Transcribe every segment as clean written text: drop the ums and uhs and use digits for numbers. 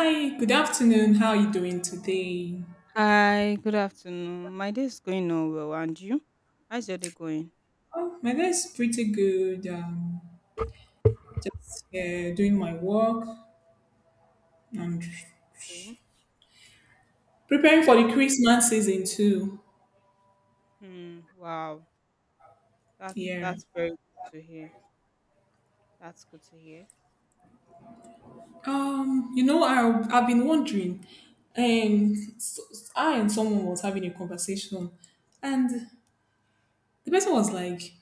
Hi, good afternoon. How are you doing today? Hi, good afternoon. My day is going on well, and you? How's your day going? Oh, my day is pretty good. Just doing my work and Okay. preparing for That's the Christmas season too. Hmm. Wow. That's Yeah. that's very good to hear. That's good to hear. Um, you know, I I've been wondering, and so, I and someone was having a conversation, and the person was like,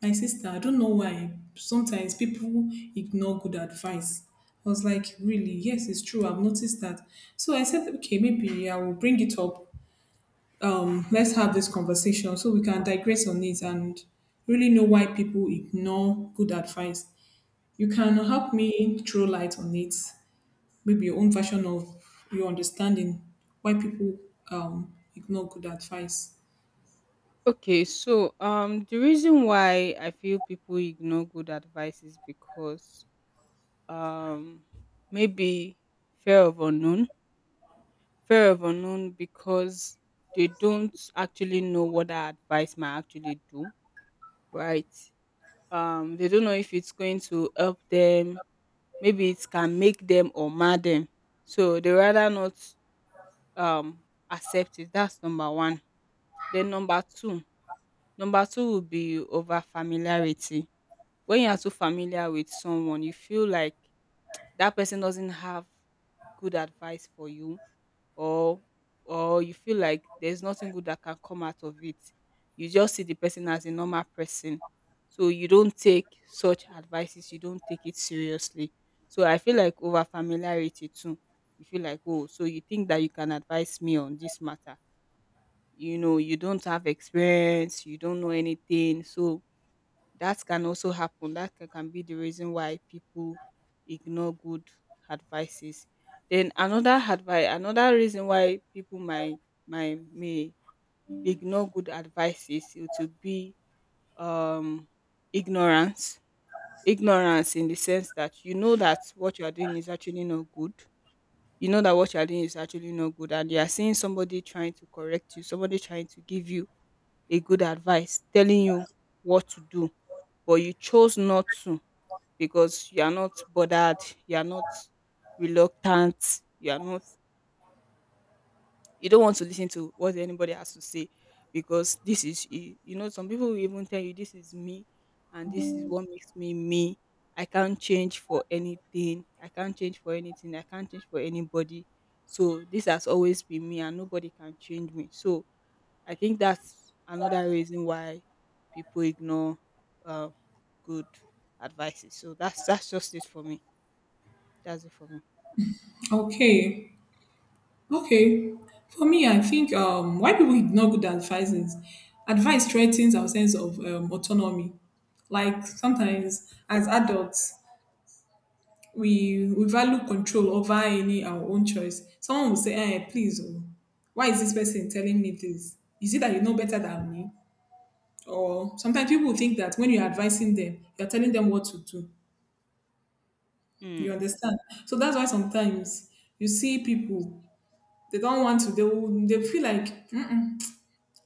my sister, I don't know why sometimes people ignore good advice. I was like, really? Yes, it's true. I've noticed that. So I said, okay, maybe I will bring it up. Let's have this conversation so we can digress on it and really know why people ignore good advice. You can help me throw light on it, maybe your own version of your understanding why people ignore good advice. Okay, so the reason why I feel people ignore good advice is because um, maybe fear of unknown, fear of unknown because they don't actually know what that advice might actually do, right? They don't know if it's going to help them, maybe it can make them or mar them. So they rather not um accept it. That's number one. Then number two would be over familiarity. When you are too familiar with someone, you feel like that person doesn't have good advice for you, or you feel like there's nothing good that can come out of it. You just see the person as a normal person, so you don't take such advices, you don't take it seriously. So I feel like over familiarity too, you feel like, oh, so you think that you can advise me on this matter? You know, you don't have experience, you don't know anything. So that can also happen. That can be the reason why people ignore good advices. Then another advice, another reason why people might may ignore good advices, it will be um ignorance. Ignorance in the sense that you know that what you are doing is actually not good. You know that what you are doing is actually not good, and you are seeing somebody trying to correct you, somebody trying to give you a good advice, telling you what to do, but you chose not to because you are not bothered, you are not reluctant, you are not, you don't want to listen to what anybody has to say, because this is you. You know, some people will even tell you, this is me, and this is what makes me me. I can't change for anything. I can't change for anything. I can't change for anybody. So this has always been me and nobody can change me. So I think that's another reason why people ignore uh, good advices. So that's just it for me. That's it for me. Okay. Okay. For me, I think why people ignore good advice is advice threatens our sense of autonomy. Like sometimes as adults, we value control over any our own choice. Someone will say, eh, please, oh, why is this person telling me this? Is it that you know better than me? Or sometimes people think that when you're advising them, you're telling them what to do. You Mm, understand? So that's why sometimes you see people, they don't want to, they, will, they feel like, "Mm-mm,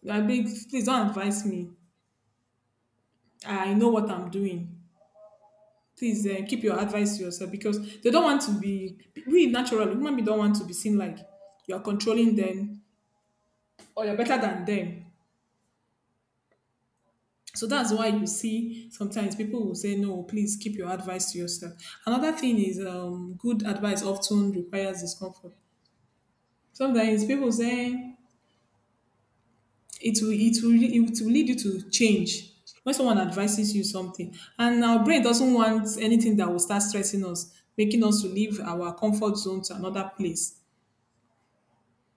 I beg, please don't advise me. I know what I'm doing. Please keep your advice to yourself," because they don't want to be. We naturally, human beings don't want to be seen like you're controlling them or you're better than them. So that's why you see sometimes people will say, no, please keep your advice to yourself. Another thing is good advice often requires discomfort. Sometimes people say, it will lead you to change. When someone advises you something and our brain doesn't want anything that will start stressing us, making us to leave our comfort zone to another place,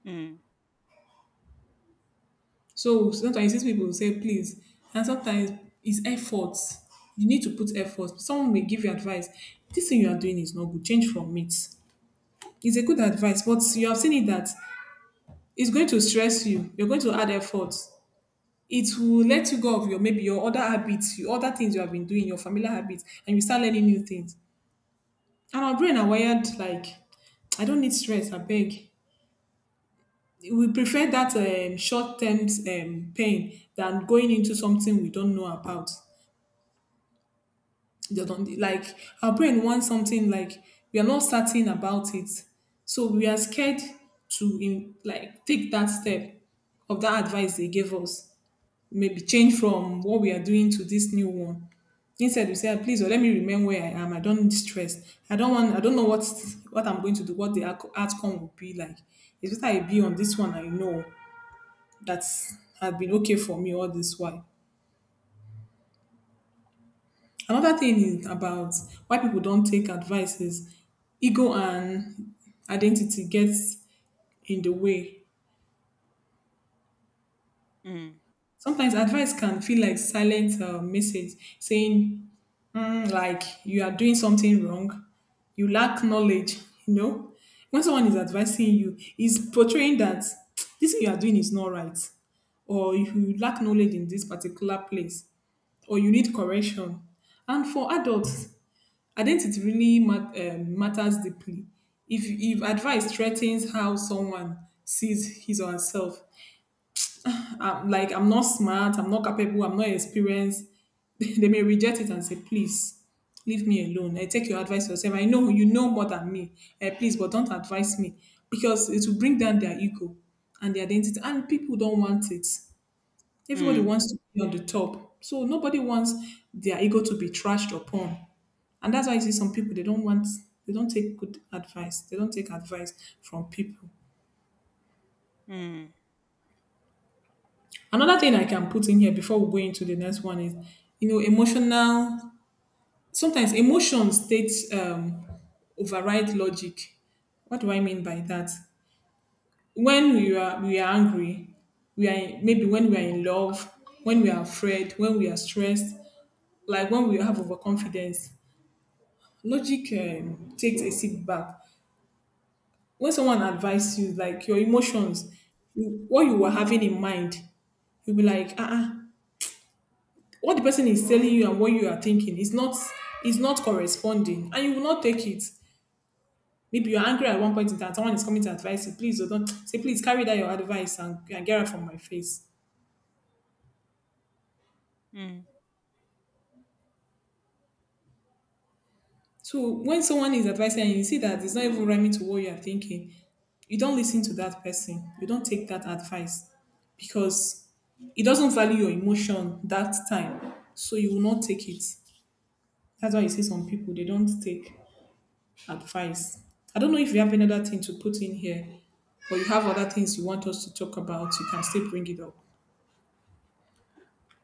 mm, so sometimes these people will say please. And sometimes it's effort, you need to put effort. Someone may give you advice, this thing you are doing is not good, change from it. It's a good advice, but you have seen it that it's going to stress you, you're going to add effort. It will let you go of your maybe your other habits, your other things you have been doing, your familiar habits, and you start learning new things. And our brain are wired like, I don't need stress, I beg. We prefer that short term pain than going into something we don't know about. They don't- Like our brain wants something like we are not certain about it, so we are scared to like take that step of that advice they gave us. Maybe change from what we are doing to this new one. Instead, you say, "Ah, please, oh, let me remain where I am. I don't need stress. I don't want. I don't know what I'm going to do. What the outcome will be like. It's better I be on this one. I know that has been okay for me all this while." Another thing is about why people don't take advice is ego and identity gets in the way. mm, Sometimes advice can feel like silent message saying like you are doing something wrong, you lack knowledge, you know. When someone is advising you, is portraying that this thing you are doing is not right, or you lack knowledge in this particular place, or you need correction. And for adults, identity really matters deeply. If advice threatens how someone sees his or herself, I'm like I'm not smart, I'm not capable, I'm not experienced. They may reject it and say, please, leave me alone. I take your advice yourself. I know you know more than me. Eh, please, but don't advise me. Because it will bring down their ego and their identity. And people don't want it. Everybody mm, wants to be on the top. So nobody wants their ego to be trashed upon. And that's why you see some people they don't take good advice. They don't take advice from people. mm, Another thing I can put in here before we go into the next one is emotional. Sometimes emotion states override logic. What do I mean by that? When we are angry, we are maybe when we are in love, when we are afraid, when we are stressed, like when we have overconfidence, logic takes a seat back. When someone advises you, like your emotions, what you were having in mind, you'll be like, ah, what the person is telling you and what you are thinking is not corresponding, and you will not take it. Maybe you're angry at one point in time, someone is coming to advise you, please, or don't say please, carry that your advice and get out from my face. mm. So when someone is advising and you see that it's not even rhyming to what you are thinking, you don't listen to that person, you don't take that advice, because it doesn't value your emotion that time, so you will not take it. That's why you see some people they don't take advice. I don't know if you have another thing to put in here, or you have other things you want us to talk about. You can still bring it up.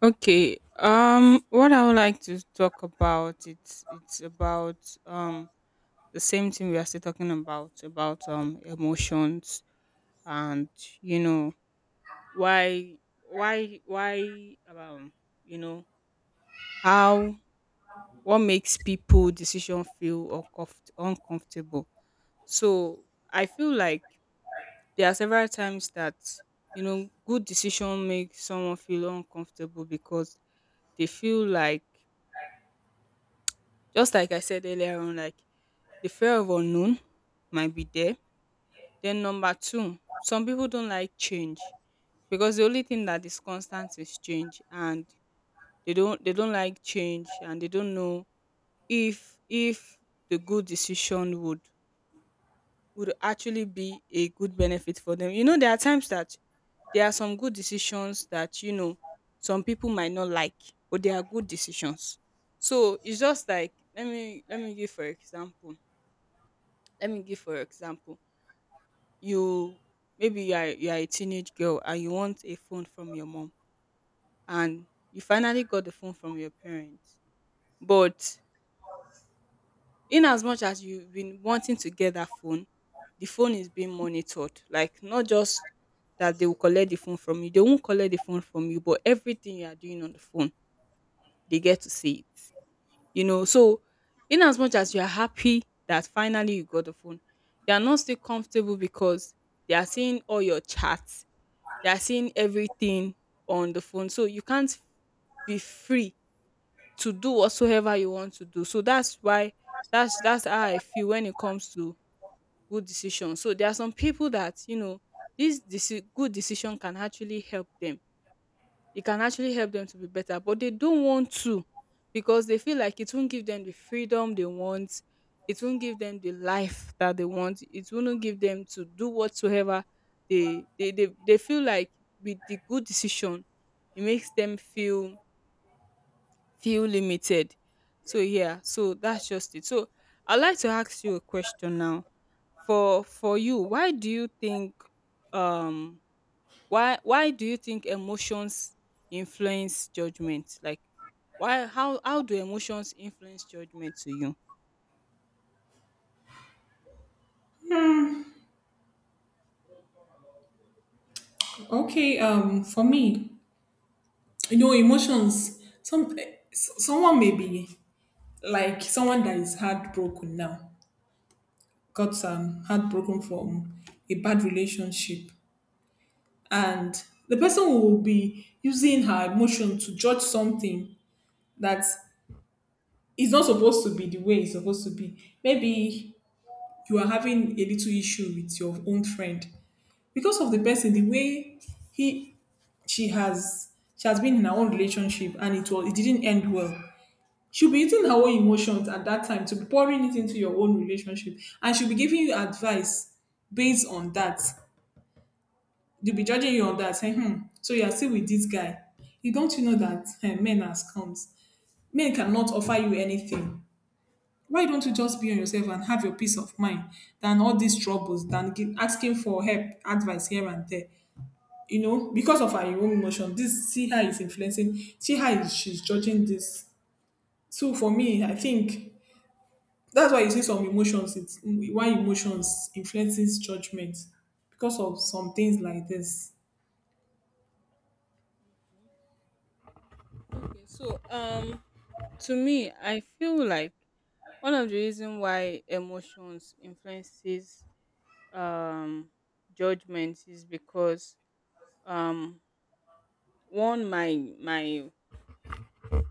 Okay. What I would like to talk about, it's about um the same thing we are still talking about emotions and, you know, why why you know, how, what makes people decision feel uncomfortable. So I feel like there are several times that, you know, good decision make someone feel uncomfortable because they feel like, just like I said earlier on, like the fear of unknown might be there. Then number two, some people don't like change because the only thing that is constant is change, and they don't like change, and they don't know if the good decision would actually be a good benefit for them. You know, there are times that there are some good decisions that, you know, some people might not like, but they are good decisions. So it's just like, let me give for example. Let me give for example. You, maybe you are a teenage girl and you want a phone from your mom, and you finally got the phone from your parents. But in as much as you've been wanting to get that phone, the phone is being monitored. Like, not just that they will collect the phone from you. They won't collect the phone from you, but everything you are doing on the phone, they get to see it. You know, so in as much as you are happy that finally you got the phone, you are not still comfortable because they are seeing all your chats, they are seeing everything on the phone. So you can't be free to do whatsoever you want to do. So that's why, that's how I feel when it comes to good decisions. So there are some people that, you know, this good decision can actually help them, it can actually help them to be better, but they don't want to because they feel like it won't give them the freedom they want. It won't give them the life that they want. It won't give them to do whatsoever they feel like with the good decision, it makes them feel, feel limited. So yeah, so that's just it. So I'd like to ask you a question now. For you, why do you think um why do you think emotions influence judgment, like, why how do emotions influence judgment to you? Okay. For me, emotions. Some someone may be like someone that is heartbroken now, got heartbroken from a bad relationship, and the person will be using her emotion to judge something that is not supposed to be the way it's supposed to be. Maybe you are having a little issue with your own friend, because of the person, the way he she has she has been in her own relationship and it was it didn't end well. She'll be eating her own emotions at that time to be pouring it into your own relationship. And she'll be giving you advice based on that. They'll be judging you on that, saying, hmm, so you are still with this guy. You don't you know that men are scums. Men cannot offer you anything, why don't you just be on yourself and have your peace of mind than all these troubles than asking for help advice here and there because of her own emotion. This, see how it's influencing, see how she's judging this. So for me I think that's why you see some emotions, it's why emotions influences judgment, because of some things like this. Okay, so to me I feel like one of the reason why emotions influences um judgment is because um one, my my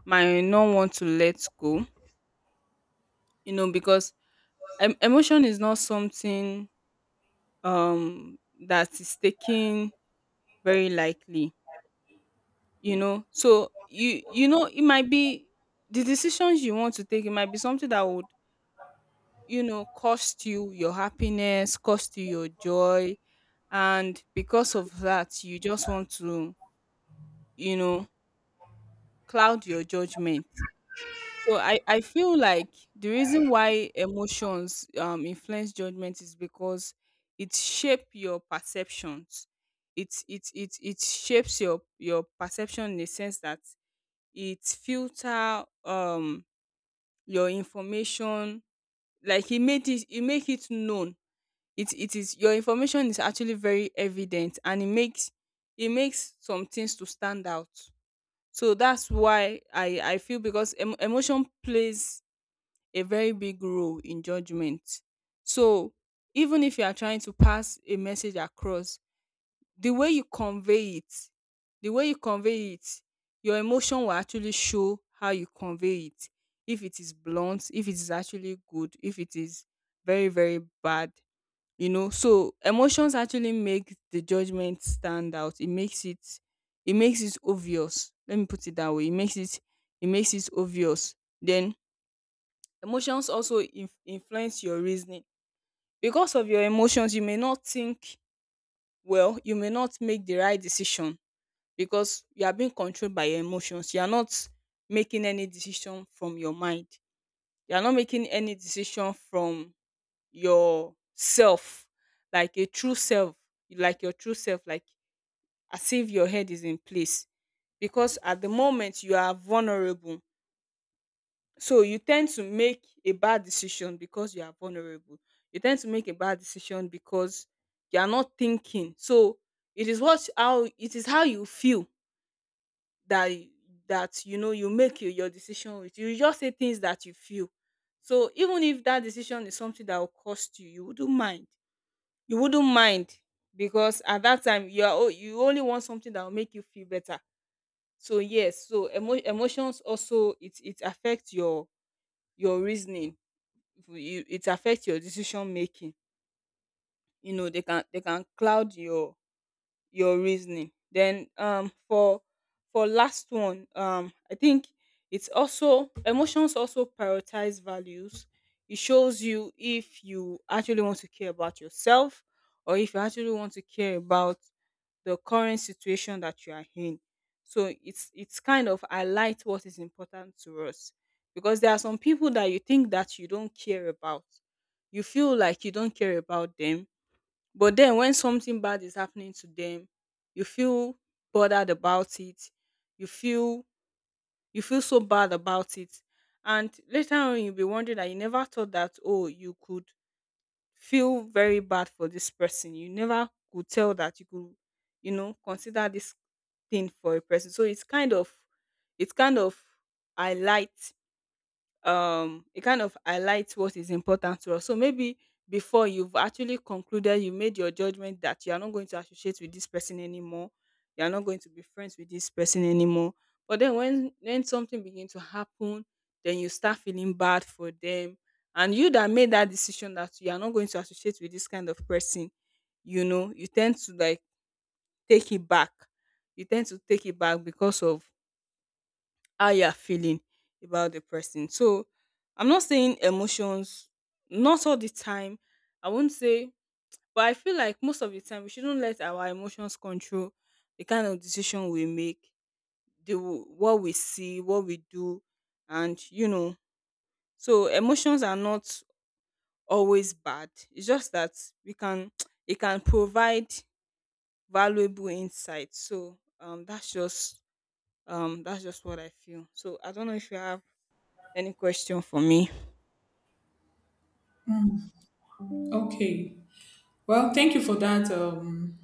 my not want to let go, you know, because emotion is not something um that is taken very lightly. You know, so you know, it might be the decisions you want to take, it might be something that would, you know, cost you your happiness, cost you your joy. And because of that you just want to, you know, cloud your judgment. So I feel like the reason why emotions influence judgment is because it shape your perceptions. It shapes your perception in the sense that it filter your information, like e made it, e make it known. It is Your information is actually very evident, and it makes, it makes some things to stand out. So that's why I feel, because em emotion plays a very big role in judgment. So even if you are trying to pass a message across, the way you convey it, the way you convey it, your emotion will actually show how you convey it, if it is blunt, if it is actually good, if it is very, very bad. You know, so emotions actually make the judgment stand out, it makes it, it makes it obvious. Let me put it that way. It makes it, it makes it obvious. Then emotions also influence your reasoning. Because of your emotions you may not think well, you may not make the right decision, because you are being controlled by your emotions. You are not making any decision from your mind. You are not making any decision from your self, like a true self, like your true self, like as if your head is in place. Because at the moment you are vulnerable. So you tend to make a bad decision because you are vulnerable. You tend to make a bad decision because you are not thinking. So it is what, how it is, how you feel that that, you know, you make your decision, with you just say things that you feel. So even if that decision is something that will cost you, you wouldn't mind, you wouldn't mind, because at that time you are you only want something that will make you feel better. So yes, so emotions also, it affects your reasoning, you, it affects your decision making. You know, they can cloud your reasoning. Then for last one, I think it's also emotions also prioritize values. It shows you if you actually want to care about yourself or if you actually want to care about the current situation that you are in. So it's kind of highlight what is important to us. Because there are some people that you think that you don't care about. You feel like you don't care about them, but then when something bad is happening to them, you feel bothered about it. You feel, you feel so bad about it. And later on you'll be wondering that you never thought that, oh, you could feel very bad for this person. You never could tell that you could, you know, consider this thing for a person. So it's kind of, it's kind of highlight it kind of highlights what is important to us. So maybe before you've actually concluded, you made your judgment that you are not going to associate with this person anymore, you are not going to be friends with this person anymore. But then when something begins to happen, then you start feeling bad for them. And you that made that decision that you are not going to associate with this kind of person, you know, you tend to like take it back. You tend to take it back because of how you are feeling about the person. So I'm not saying emotions, not all the time. I won't say, but I feel like most of the time we shouldn't let our emotions control the kind of decision we make, the what we see, what we do, and you know. So emotions are not always bad. It's just that we can it can provide valuable insight. So that's just what I feel. So I don't know if you have any question for me. Okay, well, thank you for that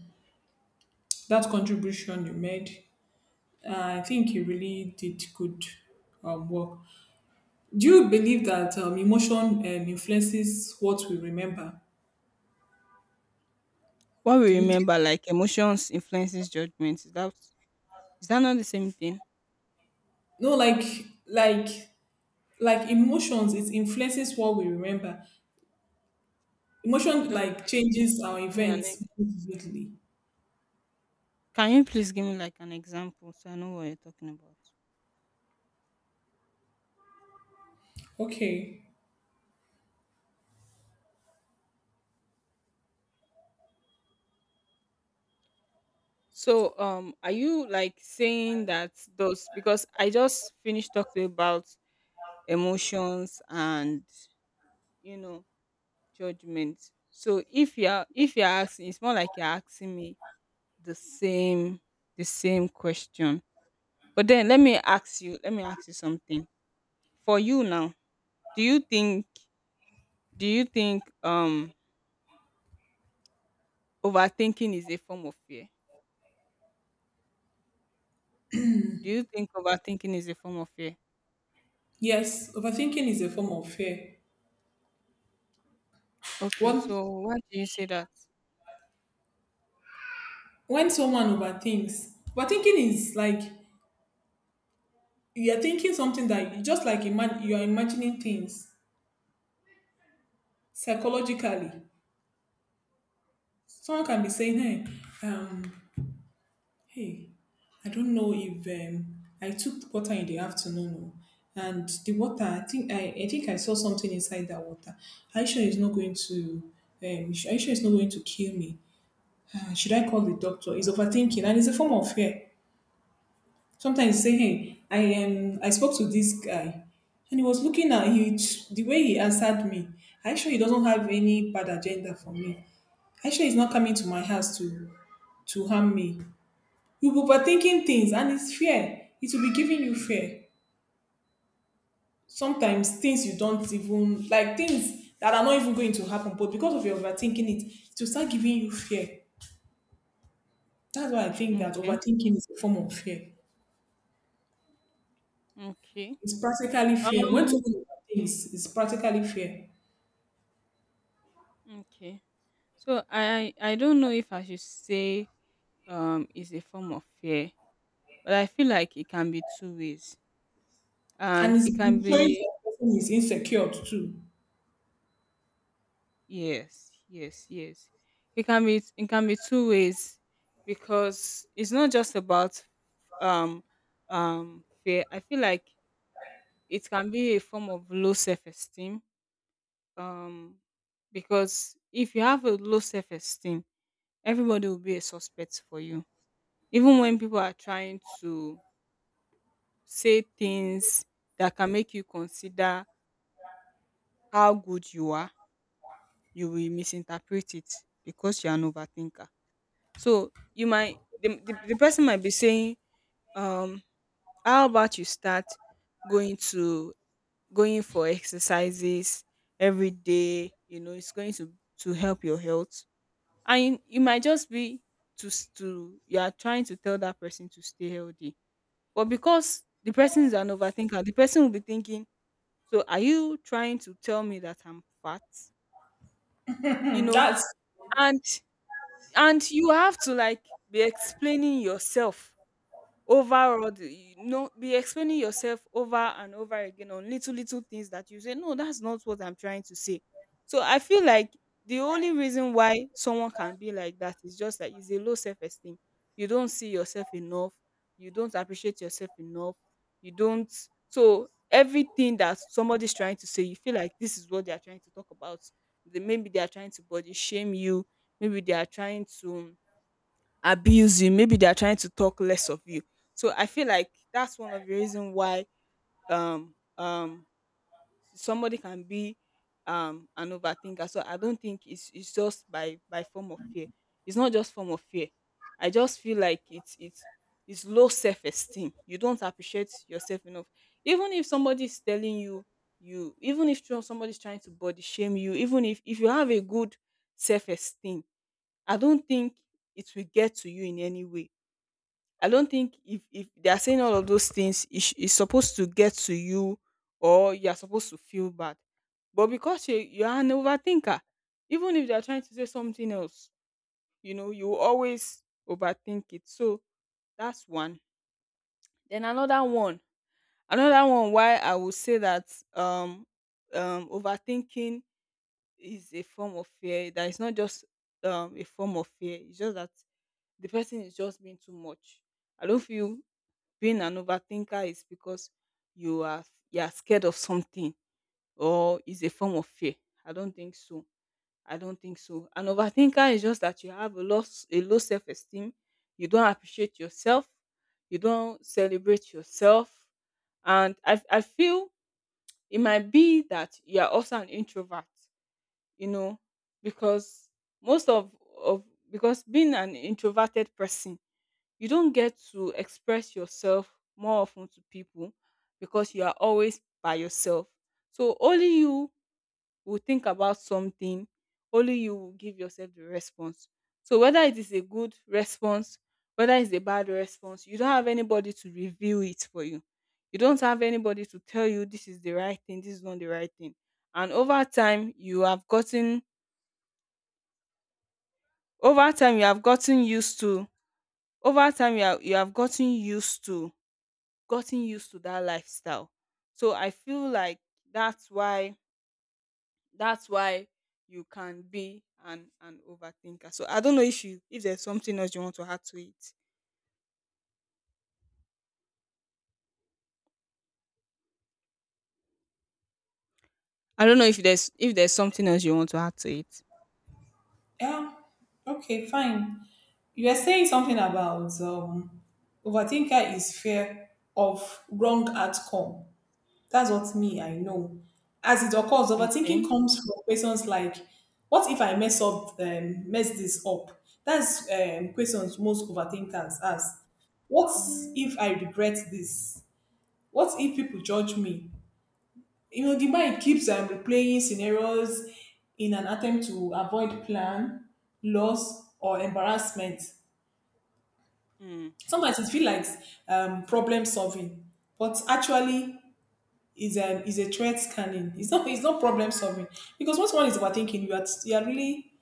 that contribution you made. I think you really did good work. Do you believe that emotion influences what we remember? What we Do you think? remember, like emotions influences judgment. Is that not the same thing? No, like like emotions, it influences what we remember. Emotion Okay, like changes our give me an e- events vividly. can you please give me like an example so I know what you're talking about? Okay. So are you like saying that, those, because I just finished talking about emotions and you know judgment? So if you're asking, it's more like you're asking me the same the same question. But then let me ask you something. For you now, do you think Do you think overthinking is a form of fear? Do you think overthinking is a form of fear? Yes, overthinking is a form of fear. Okay, One, so why do you say that? when someone overthinks, overthinking is like you're thinking something that just like imagine you're imagining things psychologically. Someone can be saying, "Hey, hey, I don't know if I took water in the afternoon, oh, and the water. I think I saw something inside that water. Are you sure it's not going to? Are you sure it's not going to kill me? Should I call the doctor?" It's overthinking, and it's a form of fear. Sometimes you say, "Hey, I spoke to this guy, and he was looking at he the way he answered me. Are you sure he doesn't have any bad agenda for me? Are you sure he's not coming to my house to harm me?" You be overtinking things and its fear, it will be giving you fear, sometimes things you don't even like, things that are not even going to happen, but because of your overthinking it will start giving you fear. That's why I think that Okay. overthinking is a form of fear. Okay. It's practically fear, when Um someone overthinks it's practically fear. okay. So I don't know if I should say is a form of fear, but I feel like it can be two ways. And And it's it can showing that be the person is insecure too. Yes, yes, yes. It can be two ways, because it's not just about um fear. I feel like it can be a form of low self-esteem, um because if you have a low self-esteem, everybody will be a suspect for you, even when people are trying to say things that can make you consider how good you are. You will misinterpret it because you are an overthinker. So you might the person might be saying, um how about you start going to going for exercises every day? You know it's going to help your health. And you might just be to s- to you are trying to tell that person to stay healthy. But because the person is an overthinker, the person will be thinking, so are you trying to tell me that I'm fat? You Hmm, know? that's And and you have to like be explaining yourself. Overall, be explaining yourself over and over again on little little things that you say, no, that's not what I'm trying to say. So I feel like the only reason why someone can be like that is just that it's a low self-esteem. You don't see yourself enough, you don't appreciate yourself enough, you don't. So everything that somebody's trying to say, you feel like this is what they are trying to talk about. Maybe they are trying to body shame you. Maybe they are trying to abuse you. Maybe they're trying to talk less of you. So I feel like that's one of the reason why um um somebody can be an overthinker. So I don't think it's just by form of fear. It's not just form of fear. I just feel like it's low self-esteem. You don't appreciate yourself enough. Even if somebody is telling you, even if somebody's trying to body shame you, even if you have a good self-esteem, I don't think it will get to you in any way. I don't think, if they are saying all of those things, it's supposed to get to you, or you are supposed to feel bad. But because you are an overthinker, even if they are trying to say something else, you always overthink it. So that's one. Then another one. Why I would say that um overthinking is a form of fear. That it's not just a form of fear. It's just that the person is just being too much. I don't feel being an overthinker is because you are you are scared of something, or is a form of fear. I don't think so. I don't think so. An overthinker is just that you have a low self esteem. You don't appreciate yourself. You don't celebrate yourself. And I feel it might be that you are also an introvert. You know, because most of because being an introverted person, you don't get to express yourself more often to people, because you are always by yourself. So only you will think about something, only you will give yourself the response. So whether it is a good response, whether it's a bad response, you don't have anybody to review it for you. You don't have anybody to tell you this is the right thing, this is not the right thing. And over time, you have gotten over time you have gotten used to over time you have gotten used to that lifestyle. So I feel like that's why that's why you can be an overthinker. So I don't know if there's something else you want to add to it. I don't know if there's something else you want to add to it. yeah, okay fine, you are saying something about overthinker is fear of wrong outcome. That's what me, I know. As it occurs, Okay. overthinking comes from questions like, what if I mess up, mess this up? That's questions most overthinkers ask. What if I regret this? What if people judge me? You know, the mind keeps replaying scenarios in an attempt to avoid plan, loss, or embarrassment. Mm, Sometimes it feels like problem solving, but actually, is a threat scanning. It's not problem solving, because once one is overthinking, you are you are really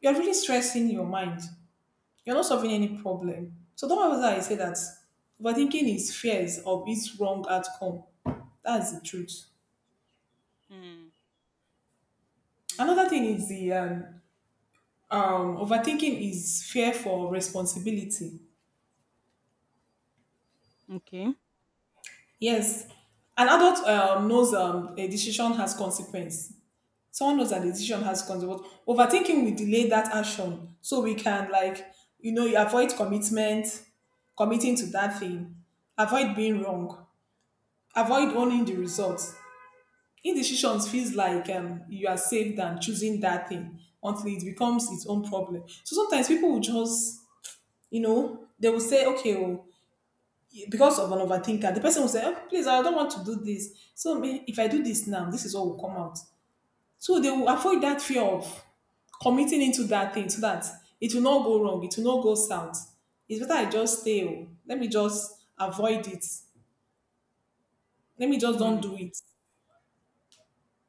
you are really stressing your mind. You're not solving any problem. So don't ever I say that overthinking is fears of its wrong outcome. That's the truth. mm, Another mm. thing is the overthinking is fear for responsibility. Okay. Yes, an adult knows a decision has consequence, someone knows that the decision has consequences. But overthinking will delay that action, so we can like you know you avoid commitment, committing to that thing, avoid being wrong, avoid owning the results. Indecisions feels like you are safe than choosing that thing until it becomes its own problem. So sometimes people will just, you know, they will say, okay, oh, because of an overthinker, the person will say, oh, please, I don't want to do this. So if I do this now, this is what will come out. So they will avoid that fear of committing into that thing so that it will not go wrong, it will not go south. It's better I just stay. Oh, let me just avoid it. Let me just don't Mm, do it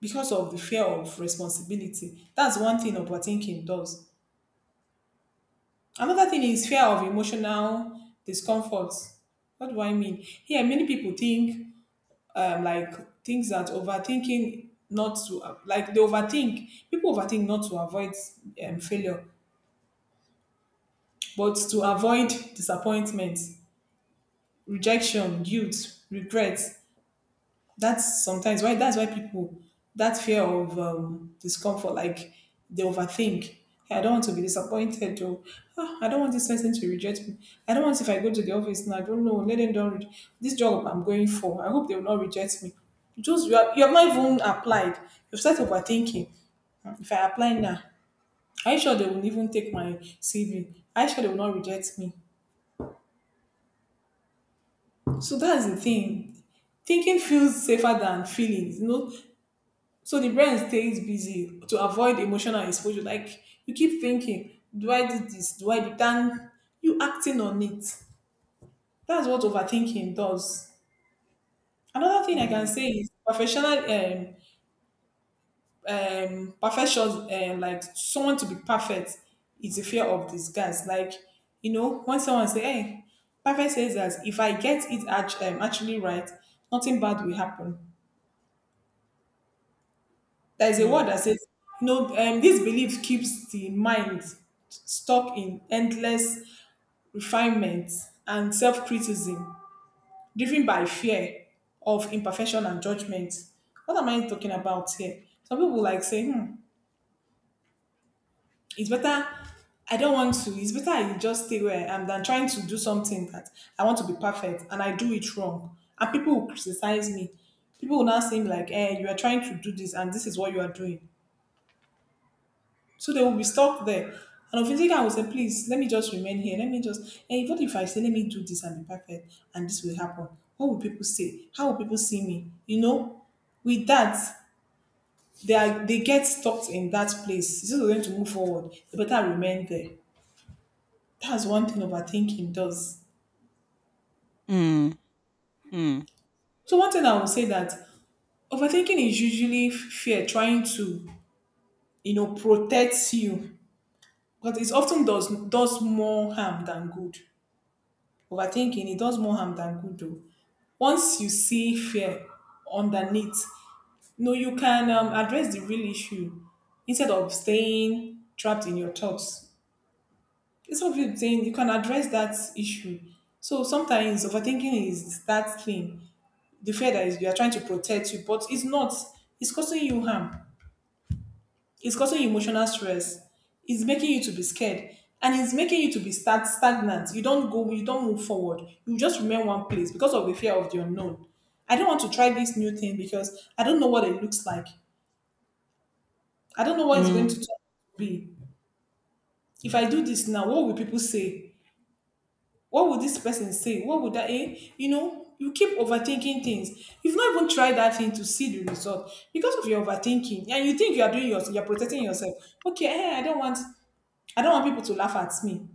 because of the fear of responsibility. That's one thing overthinking does. Another thing is fear of emotional discomfort. What do I mean? Here, many people think like things that overthinking not to like they overthink. People overthink not to avoid failure. But to avoid disappointment, rejection, guilt, regret, that's sometimes why that's why people that fear of discomfort, like they overthink. "Hey, I don't want to be disappointed, or "Ah, I don't want this person to reject me. I don't want if I go to the office now, I don't know, let them don't. This job I'm going for, I hope they will not reject me. Just you, are, you have not even applied. You've started overthinking. If I apply now, are you sure they will even take my CV? Are you sure they will not reject me? So that's the thing. Thinking feels safer than feelings, you know. So the brain stays busy to avoid emotional exposure. Like you keep thinking, do I do this? Do I do that? You acting on it. That's what overthinking does. Another thing I can mm, say is professional um perfection, like someone to be perfect is a fear of disgust. Like you know when someone say, "Hey, perfect says that if I get it actually right, nothing bad will happen." There's a word mm, that says, no, this belief keeps the mind stuck in endless refinement and self criticism, driven by fear of imperfection and judgment. What am I talking about here? Some people like say, hmm, it's better. I don't want to. It's better I just stay where I am than trying to do something that I want to be perfect and I do it wrong. And people will criticize me. People will now seem like, eh, you are trying to do this and this is what you are doing. So they will be stuck there. And of thinking, I will say, please, let me just remain here. Let me just, and even if I say, let me do this and be perfect, and this will happen, what will people say? How will people see me? You know, with that, they get stuck in that place. Instead of them to move forward, they better remain there. That's one thing overthinking does. mm, mm, So one thing I will say that overthinking is usually fear trying to, you know, protect you. But it often does more harm than good. Overthinking it does more harm than good though. Once you see fear underneath, no, you can address the real issue instead of staying trapped in your thoughts. Instead of you saying you can address that issue. So sometimes overthinking is that thing, the fear that is you are trying to protect you, but it's not. It's causing you harm, it's causing you emotional stress, it's making you to be scared, and it's making you to be stagnant. You don't go, you don't move forward, you just remain one place because of the fear of the unknown. I don't want to try this new thing because I don't know what it looks like, I don't know what it's going mm, to turn out to be. If I do this now, what will people say? What would this person say? What would that, eh, you know, you keep overthinking things. You've not even tried that thing to see the result because of your overthinking, and you think you are doing yourself, you're protecting yourself. Okay, eh, I don't want people to laugh at me.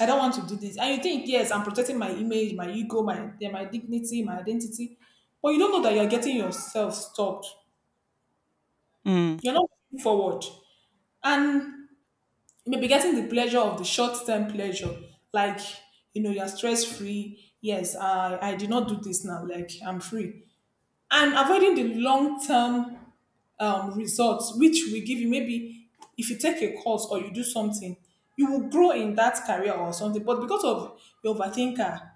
I don't want to do this. And you think, yes, I'm protecting my image, my ego, my yeah, my dignity, my identity. But you don't know that you're getting yourself stopped. mm. You're not moving forward. And you may be getting the pleasure of the short-term pleasure. Like, you know, you're stress-free. Yes, I did not do this now. Like, I'm free. And avoiding the long-term results which will give you maybe if you take a course or you do something you will grow in that career or something. But because of your overthinker,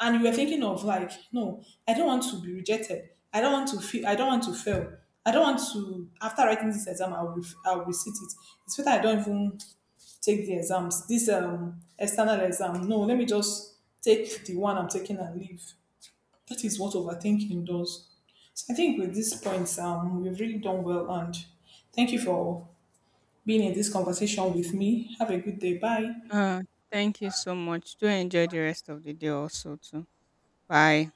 and you were thinking of like, no, I don't want to be rejected, I don't want to feel, I don't want to fail, I don't want to, after writing this exam, I'll resit it. It's better I don't even take the exams, this external exam. No, let me just take the one I'm taking and leave. That is what overthinking does. So I think with these points, we've really done well. And thank you for being in this conversation with me. Have a good day. Bye. Uh, Thank you so much. Do enjoy the rest of the day also too. Bye.